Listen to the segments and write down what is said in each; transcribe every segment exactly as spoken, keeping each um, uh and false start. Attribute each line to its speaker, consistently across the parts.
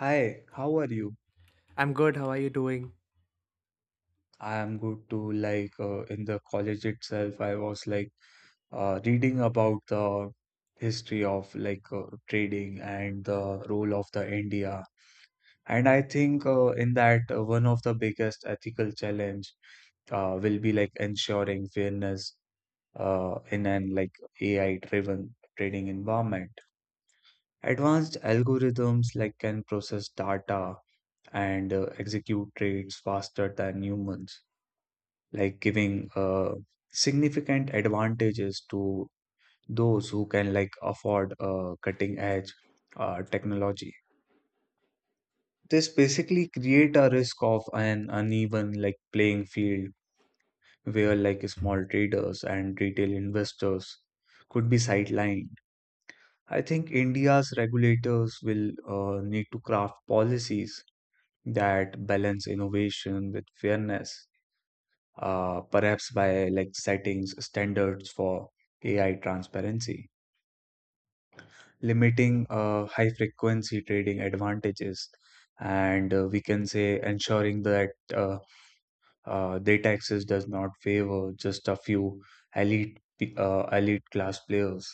Speaker 1: Hi, how are you?
Speaker 2: I'm good. How are you doing?
Speaker 1: I am good too. Like uh, in the college itself, I was like uh, reading about the history of like uh, trading and the role of the India. And I think uh, in that uh, one of the biggest ethical challenge uh, will be like ensuring fairness uh, in an like A I-driven trading environment. Advanced algorithms like can process data and uh, execute trades faster than humans like giving uh, significant advantages to those who can like afford uh, cutting edge uh, technology. This basically create a risk of an uneven like playing field where like small traders and retail investors could be sidelined. I think India's regulators will uh, need to craft policies that balance innovation with fairness uh, perhaps by like settings standards for A I transparency, limiting uh, high frequency trading advantages, and uh, we can say ensuring that uh, uh, data access does not favor just a few elite pe- uh, elite class players.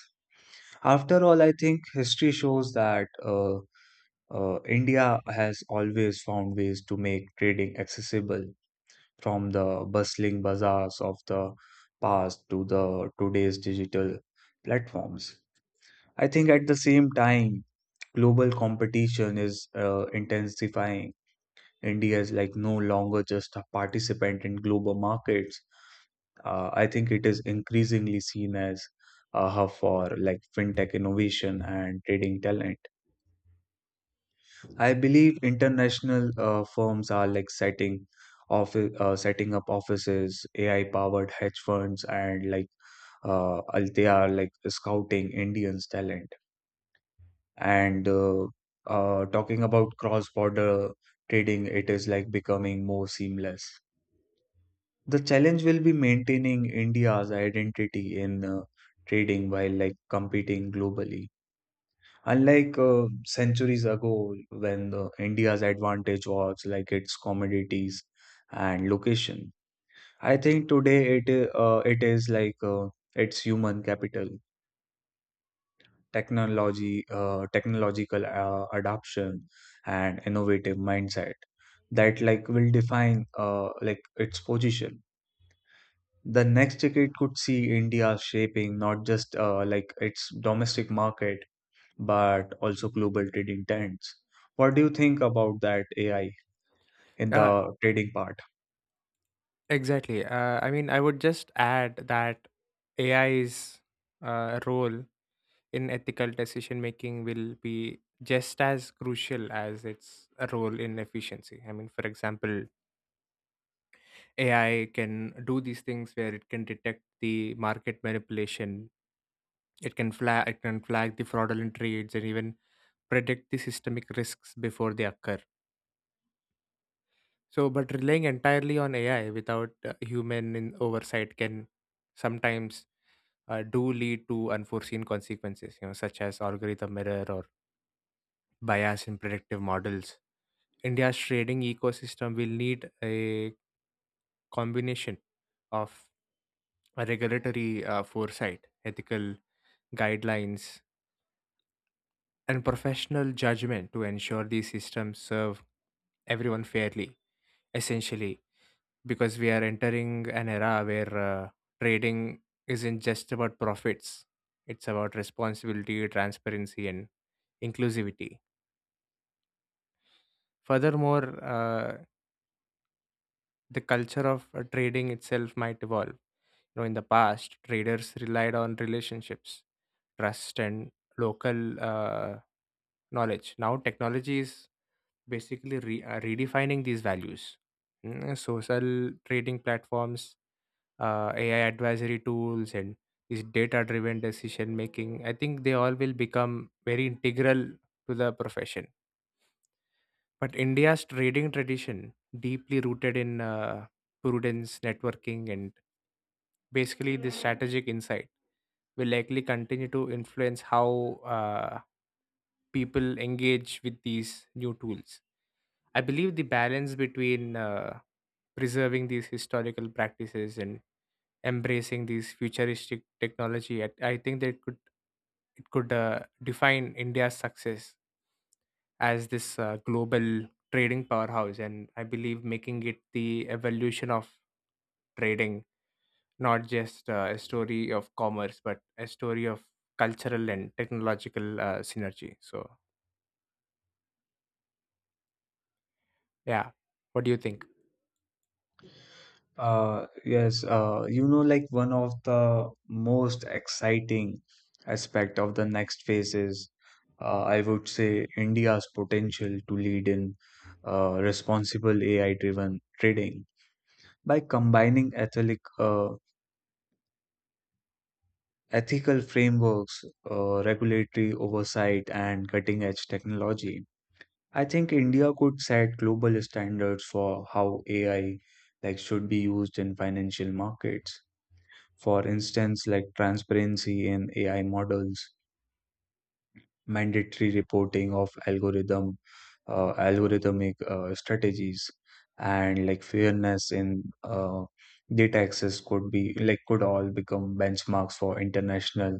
Speaker 1: After all, I think history shows that uh, uh, India has always found ways to make trading accessible from the bustling bazaars of the past to the today's digital platforms. I think at the same time, global competition is uh, intensifying. India is like no longer just a participant in global markets. Uh, I think it is increasingly seen as a hub for like fintech innovation and trading talent. I believe international uh, firms are like setting office uh, setting up offices, A I powered hedge funds, and like uh, al- they are like scouting Indians talent. And uh, uh, Talking about cross border trading, it is like becoming more seamless. The challenge will be maintaining India's identity in uh, trading while like competing globally. Unlike uh, centuries ago, when the India's advantage was like its commodities and location, I think today it i- uh, it is like uh, its human capital, technology, uh, technological uh, adoption, and innovative mindset that like will define uh, like its position. The next decade could see India shaping not just uh, like its domestic market but also global trading trends. What do you think about that A I in
Speaker 2: Yeah,
Speaker 1: the trading part?
Speaker 2: exactly. Uh, I mean, I would just add that A I's uh, role in ethical decision making will be just as crucial as its role in efficiency. I mean, for example, A I can do these things where it can detect the market manipulation, it can flag, it can flag the fraudulent trades, and even predict the systemic risks before they occur. So, but relying entirely on A I without uh, human in oversight can sometimes uh, do lead to unforeseen consequences, you know, such as algorithm error or bias in predictive models. India's trading ecosystem will need a combination of a regulatory uh, foresight, ethical guidelines, and professional judgment to ensure these systems serve everyone fairly. Essentially, because we are entering an era where uh, trading isn't just about profits, it's about responsibility, transparency, and inclusivity. Furthermore, uh, the culture of uh, trading itself might evolve. You know, in the past traders relied on relationships, trust, and local uh, knowledge. Now technology is basically re- uh, redefining these values. Mm, uh, Social trading platforms, uh, A I advisory tools, and this data-driven decision making, I think they all will become very integral to the profession. But India's trading tradition, deeply rooted in uh, prudence, networking, and basically this strategic insight, will likely continue to influence how uh, people engage with these new tools. I believe the balance between uh, preserving these historical practices and embracing these futuristic technology, I, I think that could it could uh, define India's success as this uh, global trading powerhouse, and I believe making it the evolution of trading, not just uh, a story of commerce, but a story of cultural and technological uh, synergy. So, yeah, what do you think?
Speaker 1: Uh, yes, uh, you know, like one of the most exciting aspect of the next phase is, uh, I would say, India's potential to lead in uh, responsible A I-driven trading by combining ethic, uh, ethical frameworks, uh, regulatory oversight, and cutting-edge technology. I think India could set global standards for how A I like should be used in financial markets. For instance, like transparency in A I models, mandatory reporting of algorithm uh, algorithmic uh, strategies, and like fairness in uh, data access could be like could all become benchmarks for international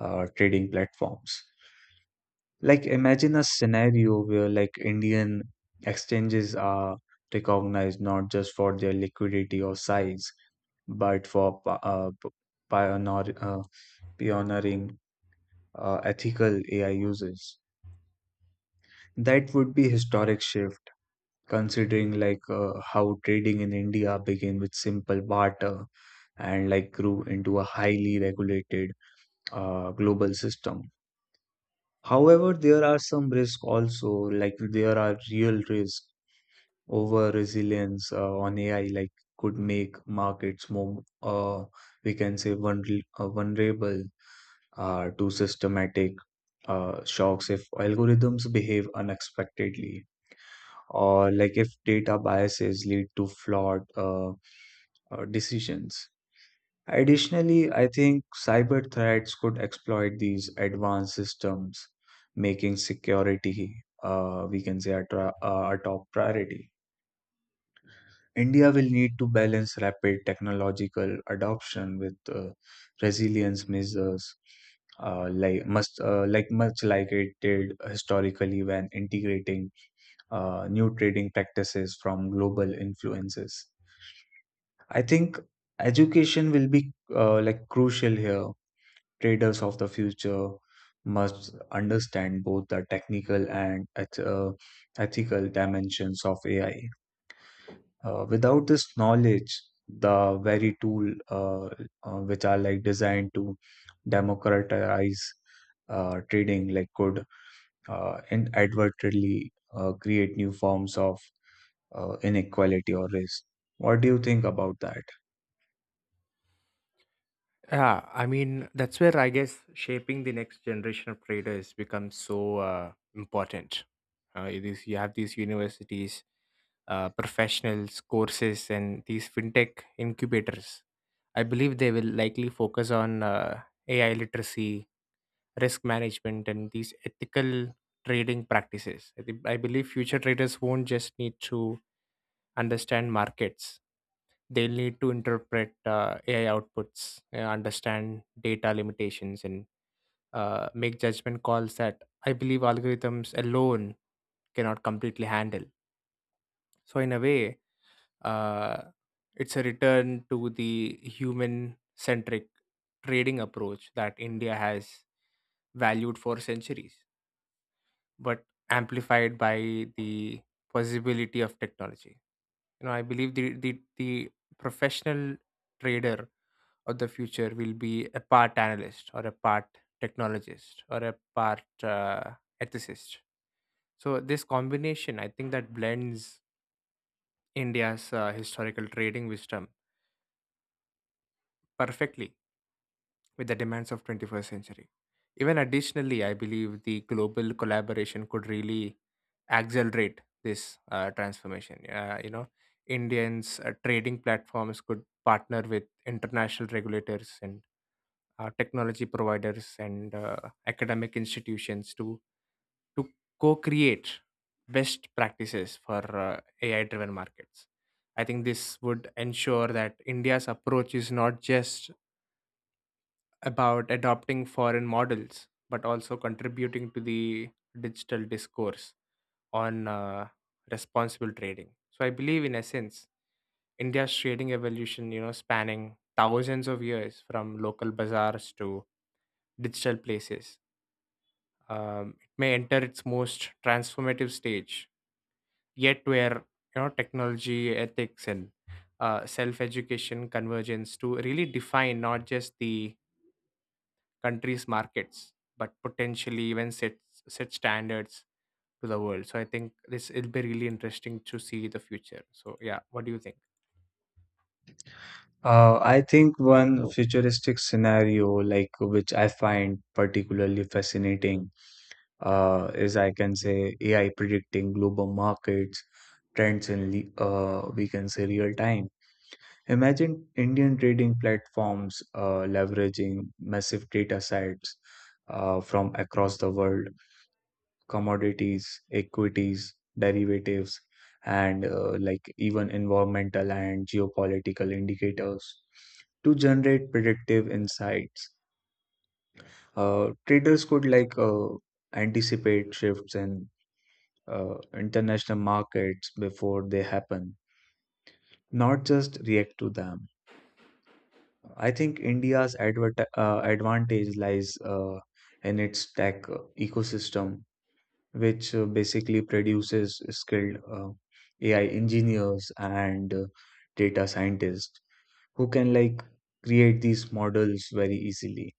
Speaker 1: uh, trading platforms. Like imagine a scenario where like Indian exchanges are recognized not just for their liquidity or size, but for pa- uh, p- pioneer, uh, pioneering uh, ethical A I uses. That would be historic shift considering like uh, how trading in India began with simple barter and like grew into a highly regulated uh, global system. However, there are some risks also, like there are real risks over resilience uh, on A I like could make markets more uh, we can say vulner- uh, vulnerable uh, to systematic uh, shocks if algorithms behave unexpectedly or like if data biases lead to flawed uh, uh, decisions. Additionally, I think cyber threats could exploit these advanced systems, making security, uh, we can say, a, tra- uh, a top priority. India will need to balance rapid technological adoption with uh, resilience measures, uh, like must uh, like much like it did historically when integrating uh, new trading practices from global influences. I think education will be uh, like crucial here. Traders of the future must understand both the technical and eth- uh, ethical dimensions of A I uh, without this knowledge, the very tool uh, uh, which are like designed to democratize uh, trading, like could uh, inadvertently uh, create new forms of uh, inequality or risk. What do you think about that?
Speaker 2: Yeah, I mean, that's where I guess shaping the next generation of traders becomes so uh, important. Uh, it is, you have these universities, uh, professionals, courses, and these fintech incubators. I believe they will likely focus on uh, A I literacy, risk management, and these ethical trading practices. I, think I believe future traders won't just need to understand markets, they need to interpret uh, A I outputs, uh, understand data limitations, and uh, make judgment calls that I believe algorithms alone cannot completely handle. So, in a way, uh, it's a return to the human centric trading approach that India has valued for centuries, but amplified by the possibility of technology. You know, I believe the, the, the professional trader of the future will be a part analyst or a part technologist or a part uh, ethicist. So this combination, I think, that blends India's uh, historical trading wisdom perfectly with the demands of twenty-first century. Even additionally, I believe the global collaboration could really accelerate this uh, transformation. Uh, you know, Indians' uh, trading platforms could partner with international regulators and uh, technology providers and uh, academic institutions to to co-create best practices for uh, A I-driven markets. I think this would ensure that India's approach is not just about adopting foreign models, but also contributing to the digital discourse on uh, responsible trading. So I believe, in essence, India's trading evolution, you know, spanning thousands of years from local bazaars to digital places. Um, it may enter its most transformative stage, yet where you know technology, ethics, and uh, self-education convergence to really define not just the country's markets, but potentially even set set standards to the world. So I think this it'll be really interesting to see the future. So yeah, what do you think
Speaker 1: Uh, I think one futuristic scenario, like which I find particularly fascinating, uh, is I can say A I predicting global markets trends in le- uh, we can say real time. Imagine Indian trading platforms uh, leveraging massive data sets uh, from across the world, commodities, equities, derivatives, and uh, like even environmental and geopolitical indicators to generate predictive insights. Uh, traders could like uh, anticipate shifts in uh, international markets before they happen, not just react to them. I think India's advert- uh, advantage lies uh, in its tech ecosystem, which uh, basically produces skilled uh, A I engineers and uh, data scientists who can like create these models very easily.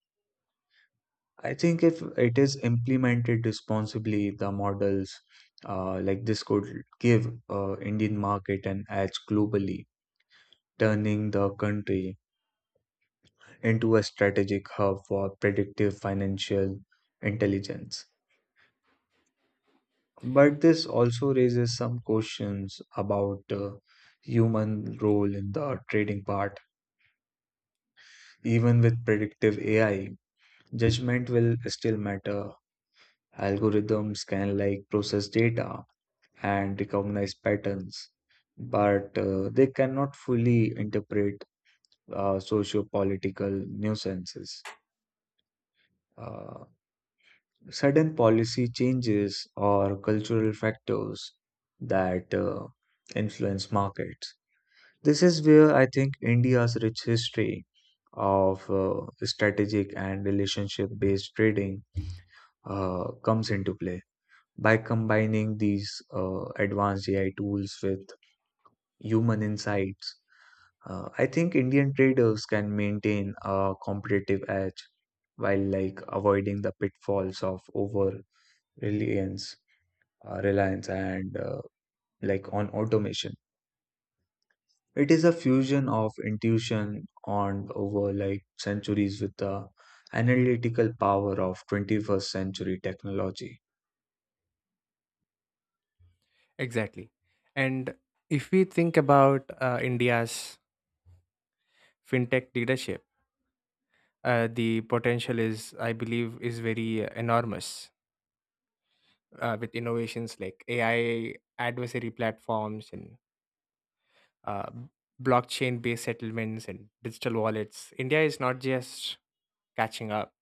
Speaker 1: I think if it is implemented responsibly, the models uh, like this could give uh, Indian market an edge globally, turning the country into a strategic hub for predictive financial intelligence. But this also raises some questions about uh, human role in the trading part. Even with predictive A I, judgment will still matter. Algorithms can like process data and recognize patterns, but uh, they cannot fully interpret uh, socio-political nuances. Uh, Sudden policy changes or cultural factors that uh, influence markets. This is where I think India's rich history of uh, strategic and relationship based trading uh, comes into play. By combining these uh, advanced A I tools with human insights, uh, I think Indian traders can maintain a competitive edge while like avoiding the pitfalls of over reliance uh, reliance and uh, like on automation. It is a fusion of intuition on over like centuries with the analytical power of twenty-first century technology.
Speaker 2: exactly? And if we think about uh, India's fintech leadership, uh, the potential is, I believe, is very uh, enormous, uh, with innovations like A I adversary platforms and uh, blockchain-based settlements and digital wallets. India is not just catching up;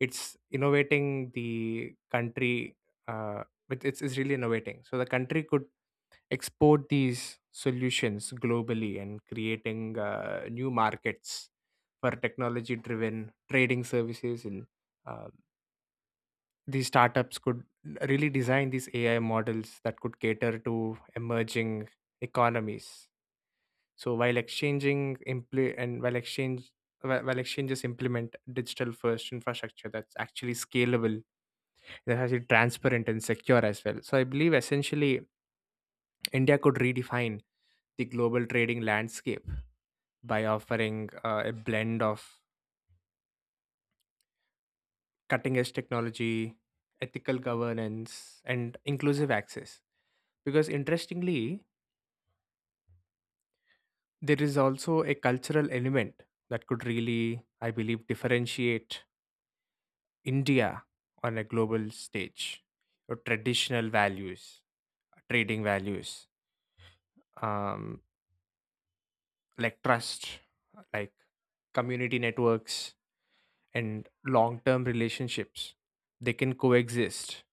Speaker 2: it's innovating the country. Uh, with- it's, it's really innovating. So the country could export these solutions globally and creating uh, new markets for technology-driven trading services and uh, these startups could really design these A I models that could cater to emerging economies. So while exchanging impl- and while exchange whi- while exchanges implement digital first infrastructure that's actually scalable, that's actually transparent and secure as well. So I believe essentially India could redefine the global trading landscape by offering uh, a blend of cutting edge technology, ethical governance, and inclusive access, because interestingly there is also a cultural element that could really, I believe, differentiate India on a global stage. Your traditional values, trading values, um, like trust, like community networks, and long term relationships, they can coexist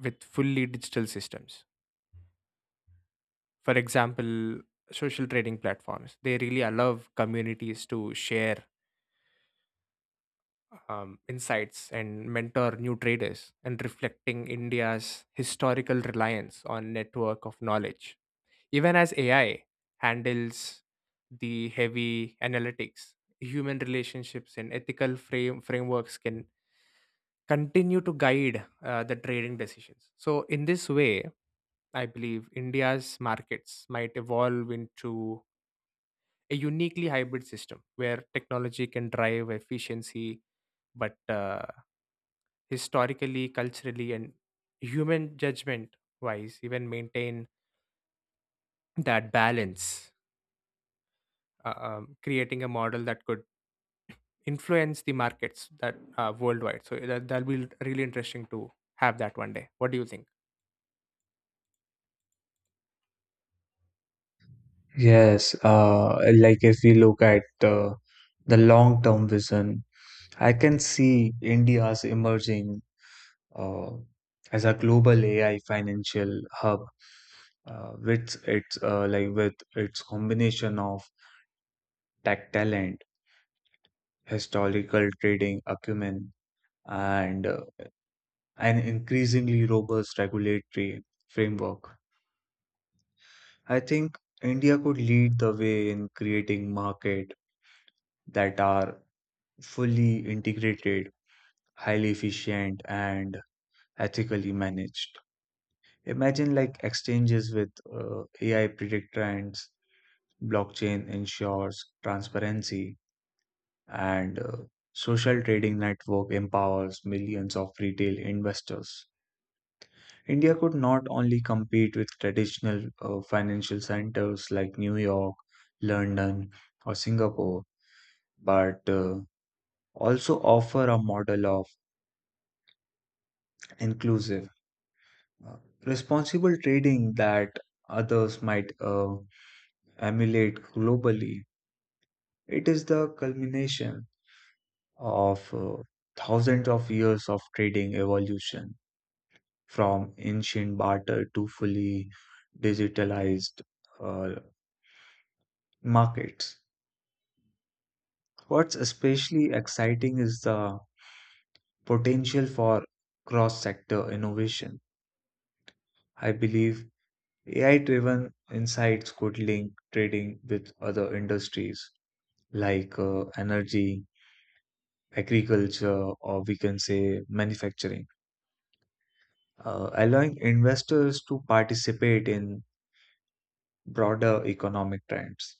Speaker 2: with fully digital systems. For example, social trading platforms, they really allow communities to share um, insights and mentor new traders and reflecting India's historical reliance on network of knowledge. Even as A I handles the heavy analytics, human relationships and ethical frame frameworks can continue to guide uh, the trading decisions. So in this way, I believe India's markets might evolve into a uniquely hybrid system where technology can drive efficiency, but uh, historically, culturally, and human judgment wise, even maintain that balance, uh, um, creating a model that could influence the markets that uh, worldwide. So that, that'll be really interesting to have that one day. What do you think?
Speaker 1: Yes, uh, like if we look at uh, the long term vision, I can see India's emerging uh, as a global A I financial hub uh, with its uh, like with its combination of tech talent historical trading acumen, and uh, an increasingly robust regulatory framework. I think India could lead the way in creating markets that are fully integrated, highly efficient, and ethically managed. Imagine like exchanges with uh, A I predict trends, blockchain ensures transparency, and uh, social trading network empowers millions of retail investors. India could not only compete with traditional uh, financial centers like New York, London, or Singapore, but uh, also offer a model of inclusive, uh, responsible trading that others might uh, emulate globally. It is the culmination of uh, thousands of years of trading evolution, from ancient barter to fully digitalized uh, markets. What's especially exciting is the potential for cross-sector innovation. I believe A I-driven insights could link trading with other industries like uh, energy, agriculture, or we can say manufacturing, uh, allowing investors to participate in broader economic trends.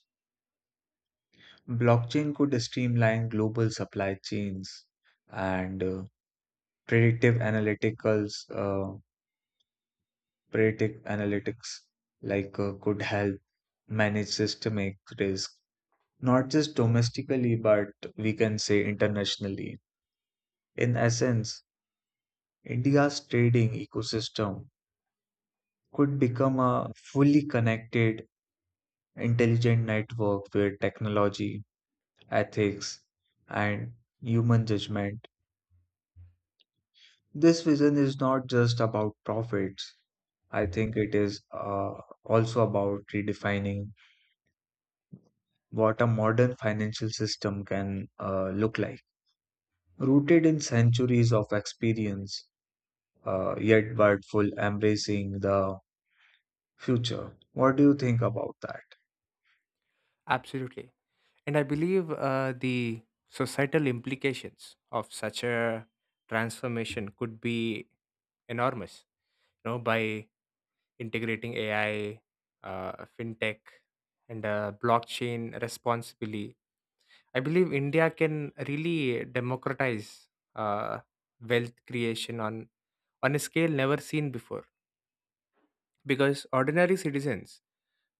Speaker 1: Blockchain could streamline global supply chains and uh, predictive analyticals uh, predictive analytics like uh, could help manage systemic risk not just domestically but we can say internationally in essence India's trading ecosystem could become a fully connected intelligent network where technology ethics and human judgment this vision is not just about profits I think it is uh, also about redefining what a modern financial system can uh, look like. Rooted in centuries of experience, uh, yet worthful embracing the future. What do you think about that?
Speaker 2: Absolutely. And I believe uh, the societal implications of such a transformation could be enormous. You know, by integrating A I, uh, fintech, and uh, blockchain responsibly. I believe India can really democratize uh, wealth creation on on a scale never seen before, because ordinary citizens,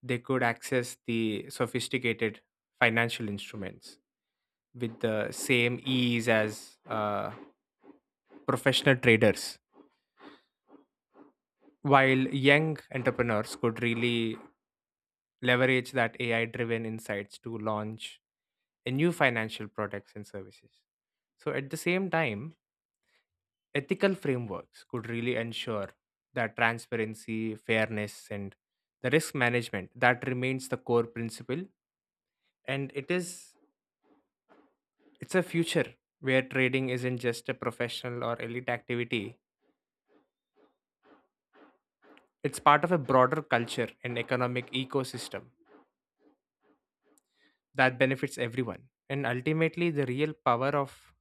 Speaker 2: they could access the sophisticated financial instruments with the same ease as uh, professional traders, while young entrepreneurs could really leverage that AI driven insights to launch and new financial products and services. So, at the same time, ethical frameworks could really ensure that transparency, fairness, and the risk management that remains the core principle. And it is it's a future where trading isn't just a professional or elite activity. It's part of a broader culture and economic ecosystem that benefits everyone. And ultimately, the real power of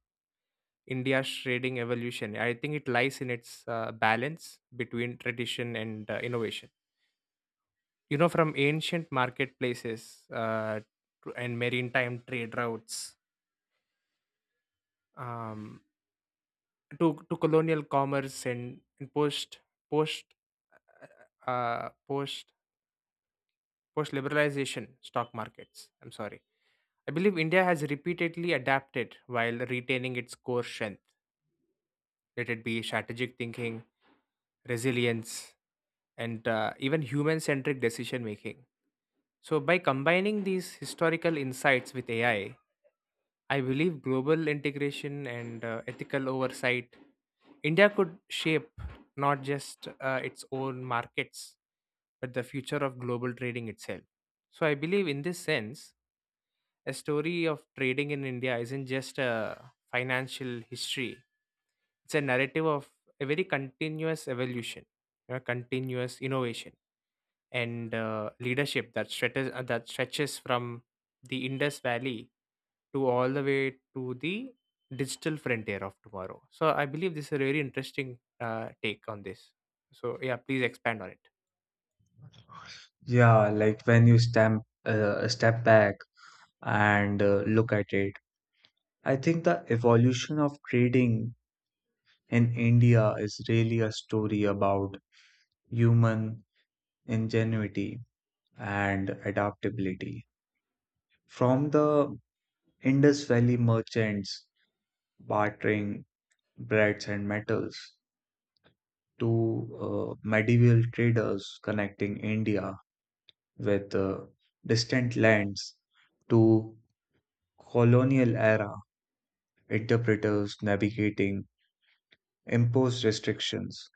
Speaker 2: India's trading evolution, I think it lies in its uh, balance between tradition and uh, innovation. You know, from ancient marketplaces uh, to, and maritime trade routes, um, to, to colonial commerce, and, and post post uh, post post liberalization stock markets. I'm sorry. I believe India has repeatedly adapted while retaining its core strength. Let it be strategic thinking, resilience, and uh, even human centric decision making. So, by combining these historical insights with A I, I I believe global integration and uh, ethical oversight, India could shape not just uh, its own markets, but the future of global trading itself. So, I believe in this sense, a story of trading in India isn't just a financial history, it's a narrative of a very continuous evolution, a continuous innovation, and uh, leadership that stretches uh, that stretches from the Indus Valley to all the way to the digital frontier of tomorrow. So I believe this is a very interesting uh, take on this. So yeah, please expand on it.
Speaker 1: Yeah, like when you stamp, uh, step back and uh, look at it, I think the evolution of trading in India is really a story about human ingenuity and adaptability. From the Indus Valley merchants bartering breads and metals to uh, medieval traders connecting India with uh, distant lands to colonial era interpreters navigating imposed restrictions.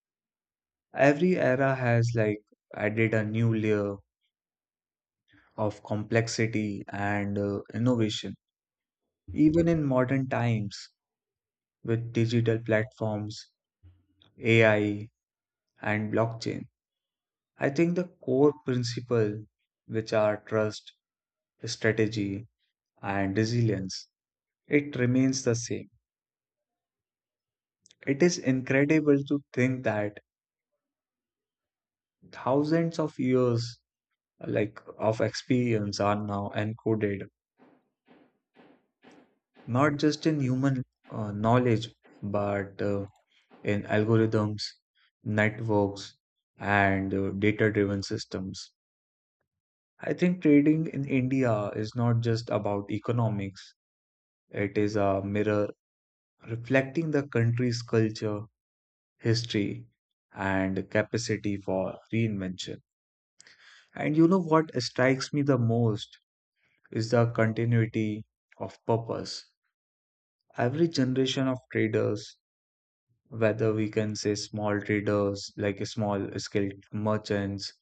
Speaker 1: Every era has like added a new layer of complexity and uh, innovation. Even in modern times, with digital platforms, A I, and blockchain, I think the core principle, which are trust, strategy, and resilience, it remains the same. It is incredible to think that thousands of years like of experience are now encoded not just in human uh, knowledge but uh, in algorithms, networks, and uh, data-driven systems. I think trading in India is not just about economics. It is a mirror reflecting the country's culture, history, and capacity for reinvention. And you know what strikes me the most is the continuity of purpose. Every generation of traders, whether we can say small traders, like small scale merchants,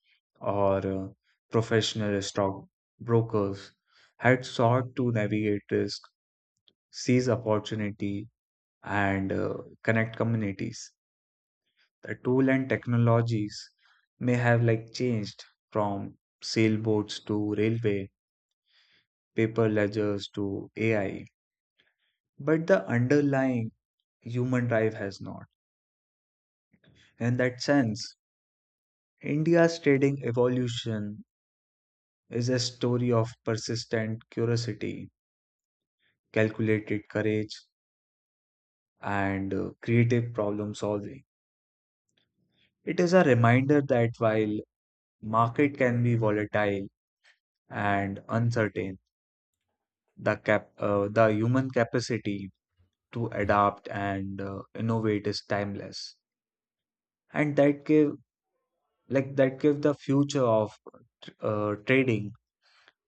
Speaker 1: or uh, professional stock brokers, had sought to navigate risk, seize opportunity, and uh, connect communities. The tool and technologies may have like changed from sailboats to railway, paper ledgers to A I, but the underlying human drive has not. In that sense, India's trading evolution is a story of persistent curiosity, calculated courage, and uh, creative problem solving. It is a reminder that while market can be volatile and uncertain, the cap uh, the human capacity to adapt and uh, innovate is timeless and that give like that give the future of uh, trading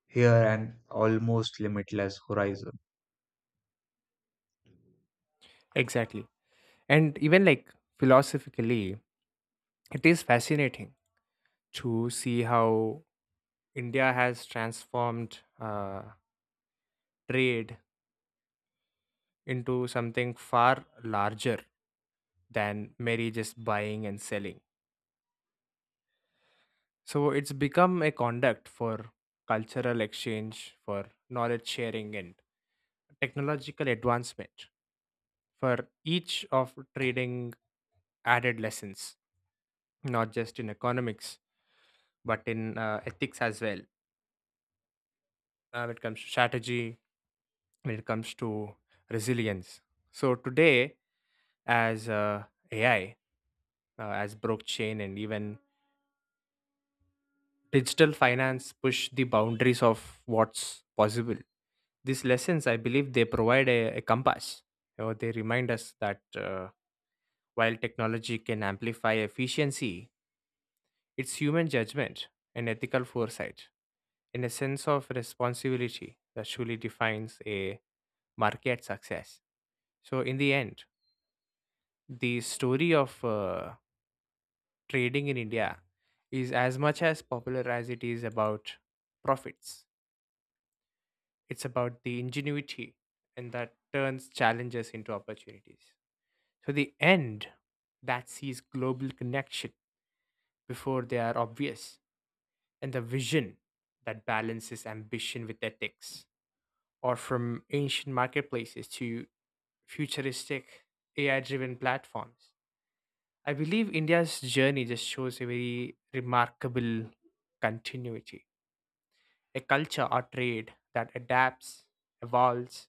Speaker 1: here an almost limitless horizon.
Speaker 2: Exactly, and even like philosophically, it is fascinating to see how India has transformed uh, trade into something far larger than merely just buying and selling. So it's become a conduct for cultural exchange, for knowledge sharing, and technological advancement, for each of trading added lessons, not just in economics, but in uh, ethics as well. Uh, when it comes to strategy, when it comes to resilience. So today, as uh, A I, uh, as blockchain, and even digital finance push the boundaries of what's possible, these lessons, I believe, they provide a, a compass. You know, they remind us that uh, while technology can amplify efficiency, it's human judgment and ethical foresight and a sense of responsibility that truly defines a market success. So, in the end, the story of uh, trading in India is as much as popular as it is about profits. It's about the ingenuity and that turns challenges into opportunities. So the end that sees global connection before they are obvious, and the vision that balances ambition with ethics, or from ancient marketplaces to futuristic A I driven platforms. I believe India's journey just shows a very remarkable continuity, a culture or trade that adapts, evolves,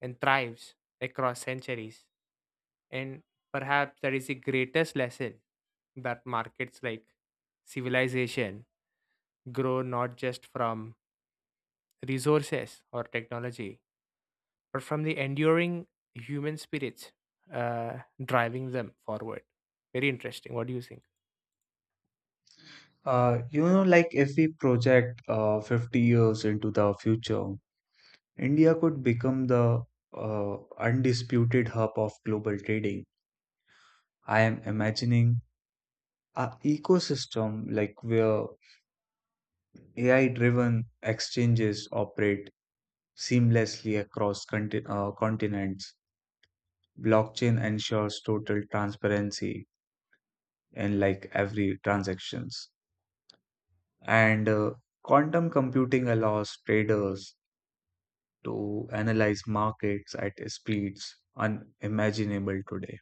Speaker 2: and thrives across centuries. And perhaps that is the greatest lesson that markets like civilization grow not just from resources or technology, but from the enduring human spirits uh, driving them forward. Very interesting. What do you think?
Speaker 1: uh, You know like if we project uh, fifty years into the future India could become the uh, undisputed hub of global trading. I am imagining a ecosystem like where AI driven exchanges operate seamlessly across conti- uh, continents. Blockchain ensures total transparency in like every transactions. And uh, quantum computing allows traders to analyze markets at speeds unimaginable today.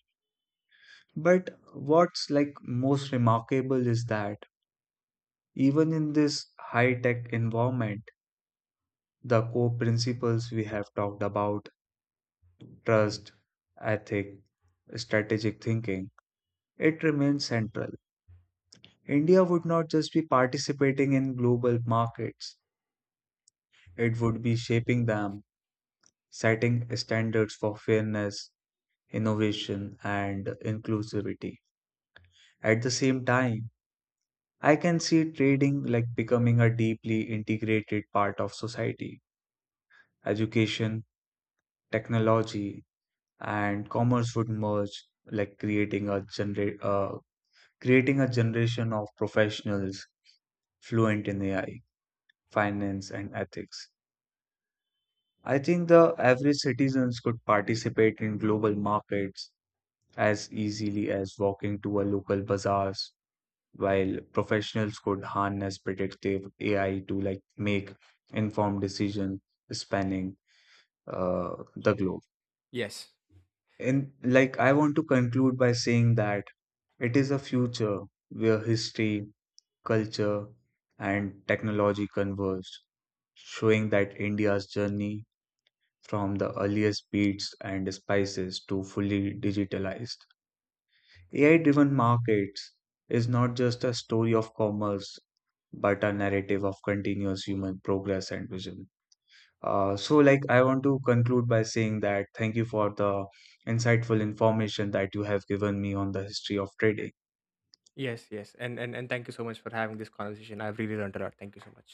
Speaker 1: But what's like most remarkable is that even in this high-tech environment, the core principles we have talked about, trust, ethic, strategic thinking, it remains central. India would not just be participating in global markets, it would be shaping them, setting standards for fairness, innovation, and inclusivity. At the same time, I can see trading like becoming a deeply integrated part of society. Education, technology, and commerce would merge, like creating a genera- uh, creating a generation of professionals fluent in A I, finance, and ethics. I think the average citizens could participate in global markets as easily as walking to a local bazaars, while professionals could harness predictive A I to like make informed decision spanning uh, the globe.
Speaker 2: Yes.
Speaker 1: And like I want to conclude by saying that it is a future where history, culture, and technology converge, showing that India's journey from the earliest beats and spices to fully digitalized. A I driven markets is not just a story of commerce, but a narrative of continuous human progress and vision. Uh, so, like, I want to conclude by saying that thank you for the insightful information that you have given me on the history of trading.
Speaker 2: Yes, yes. And, and and thank you so much for having this conversation. I've really learned a lot. Thank you so much.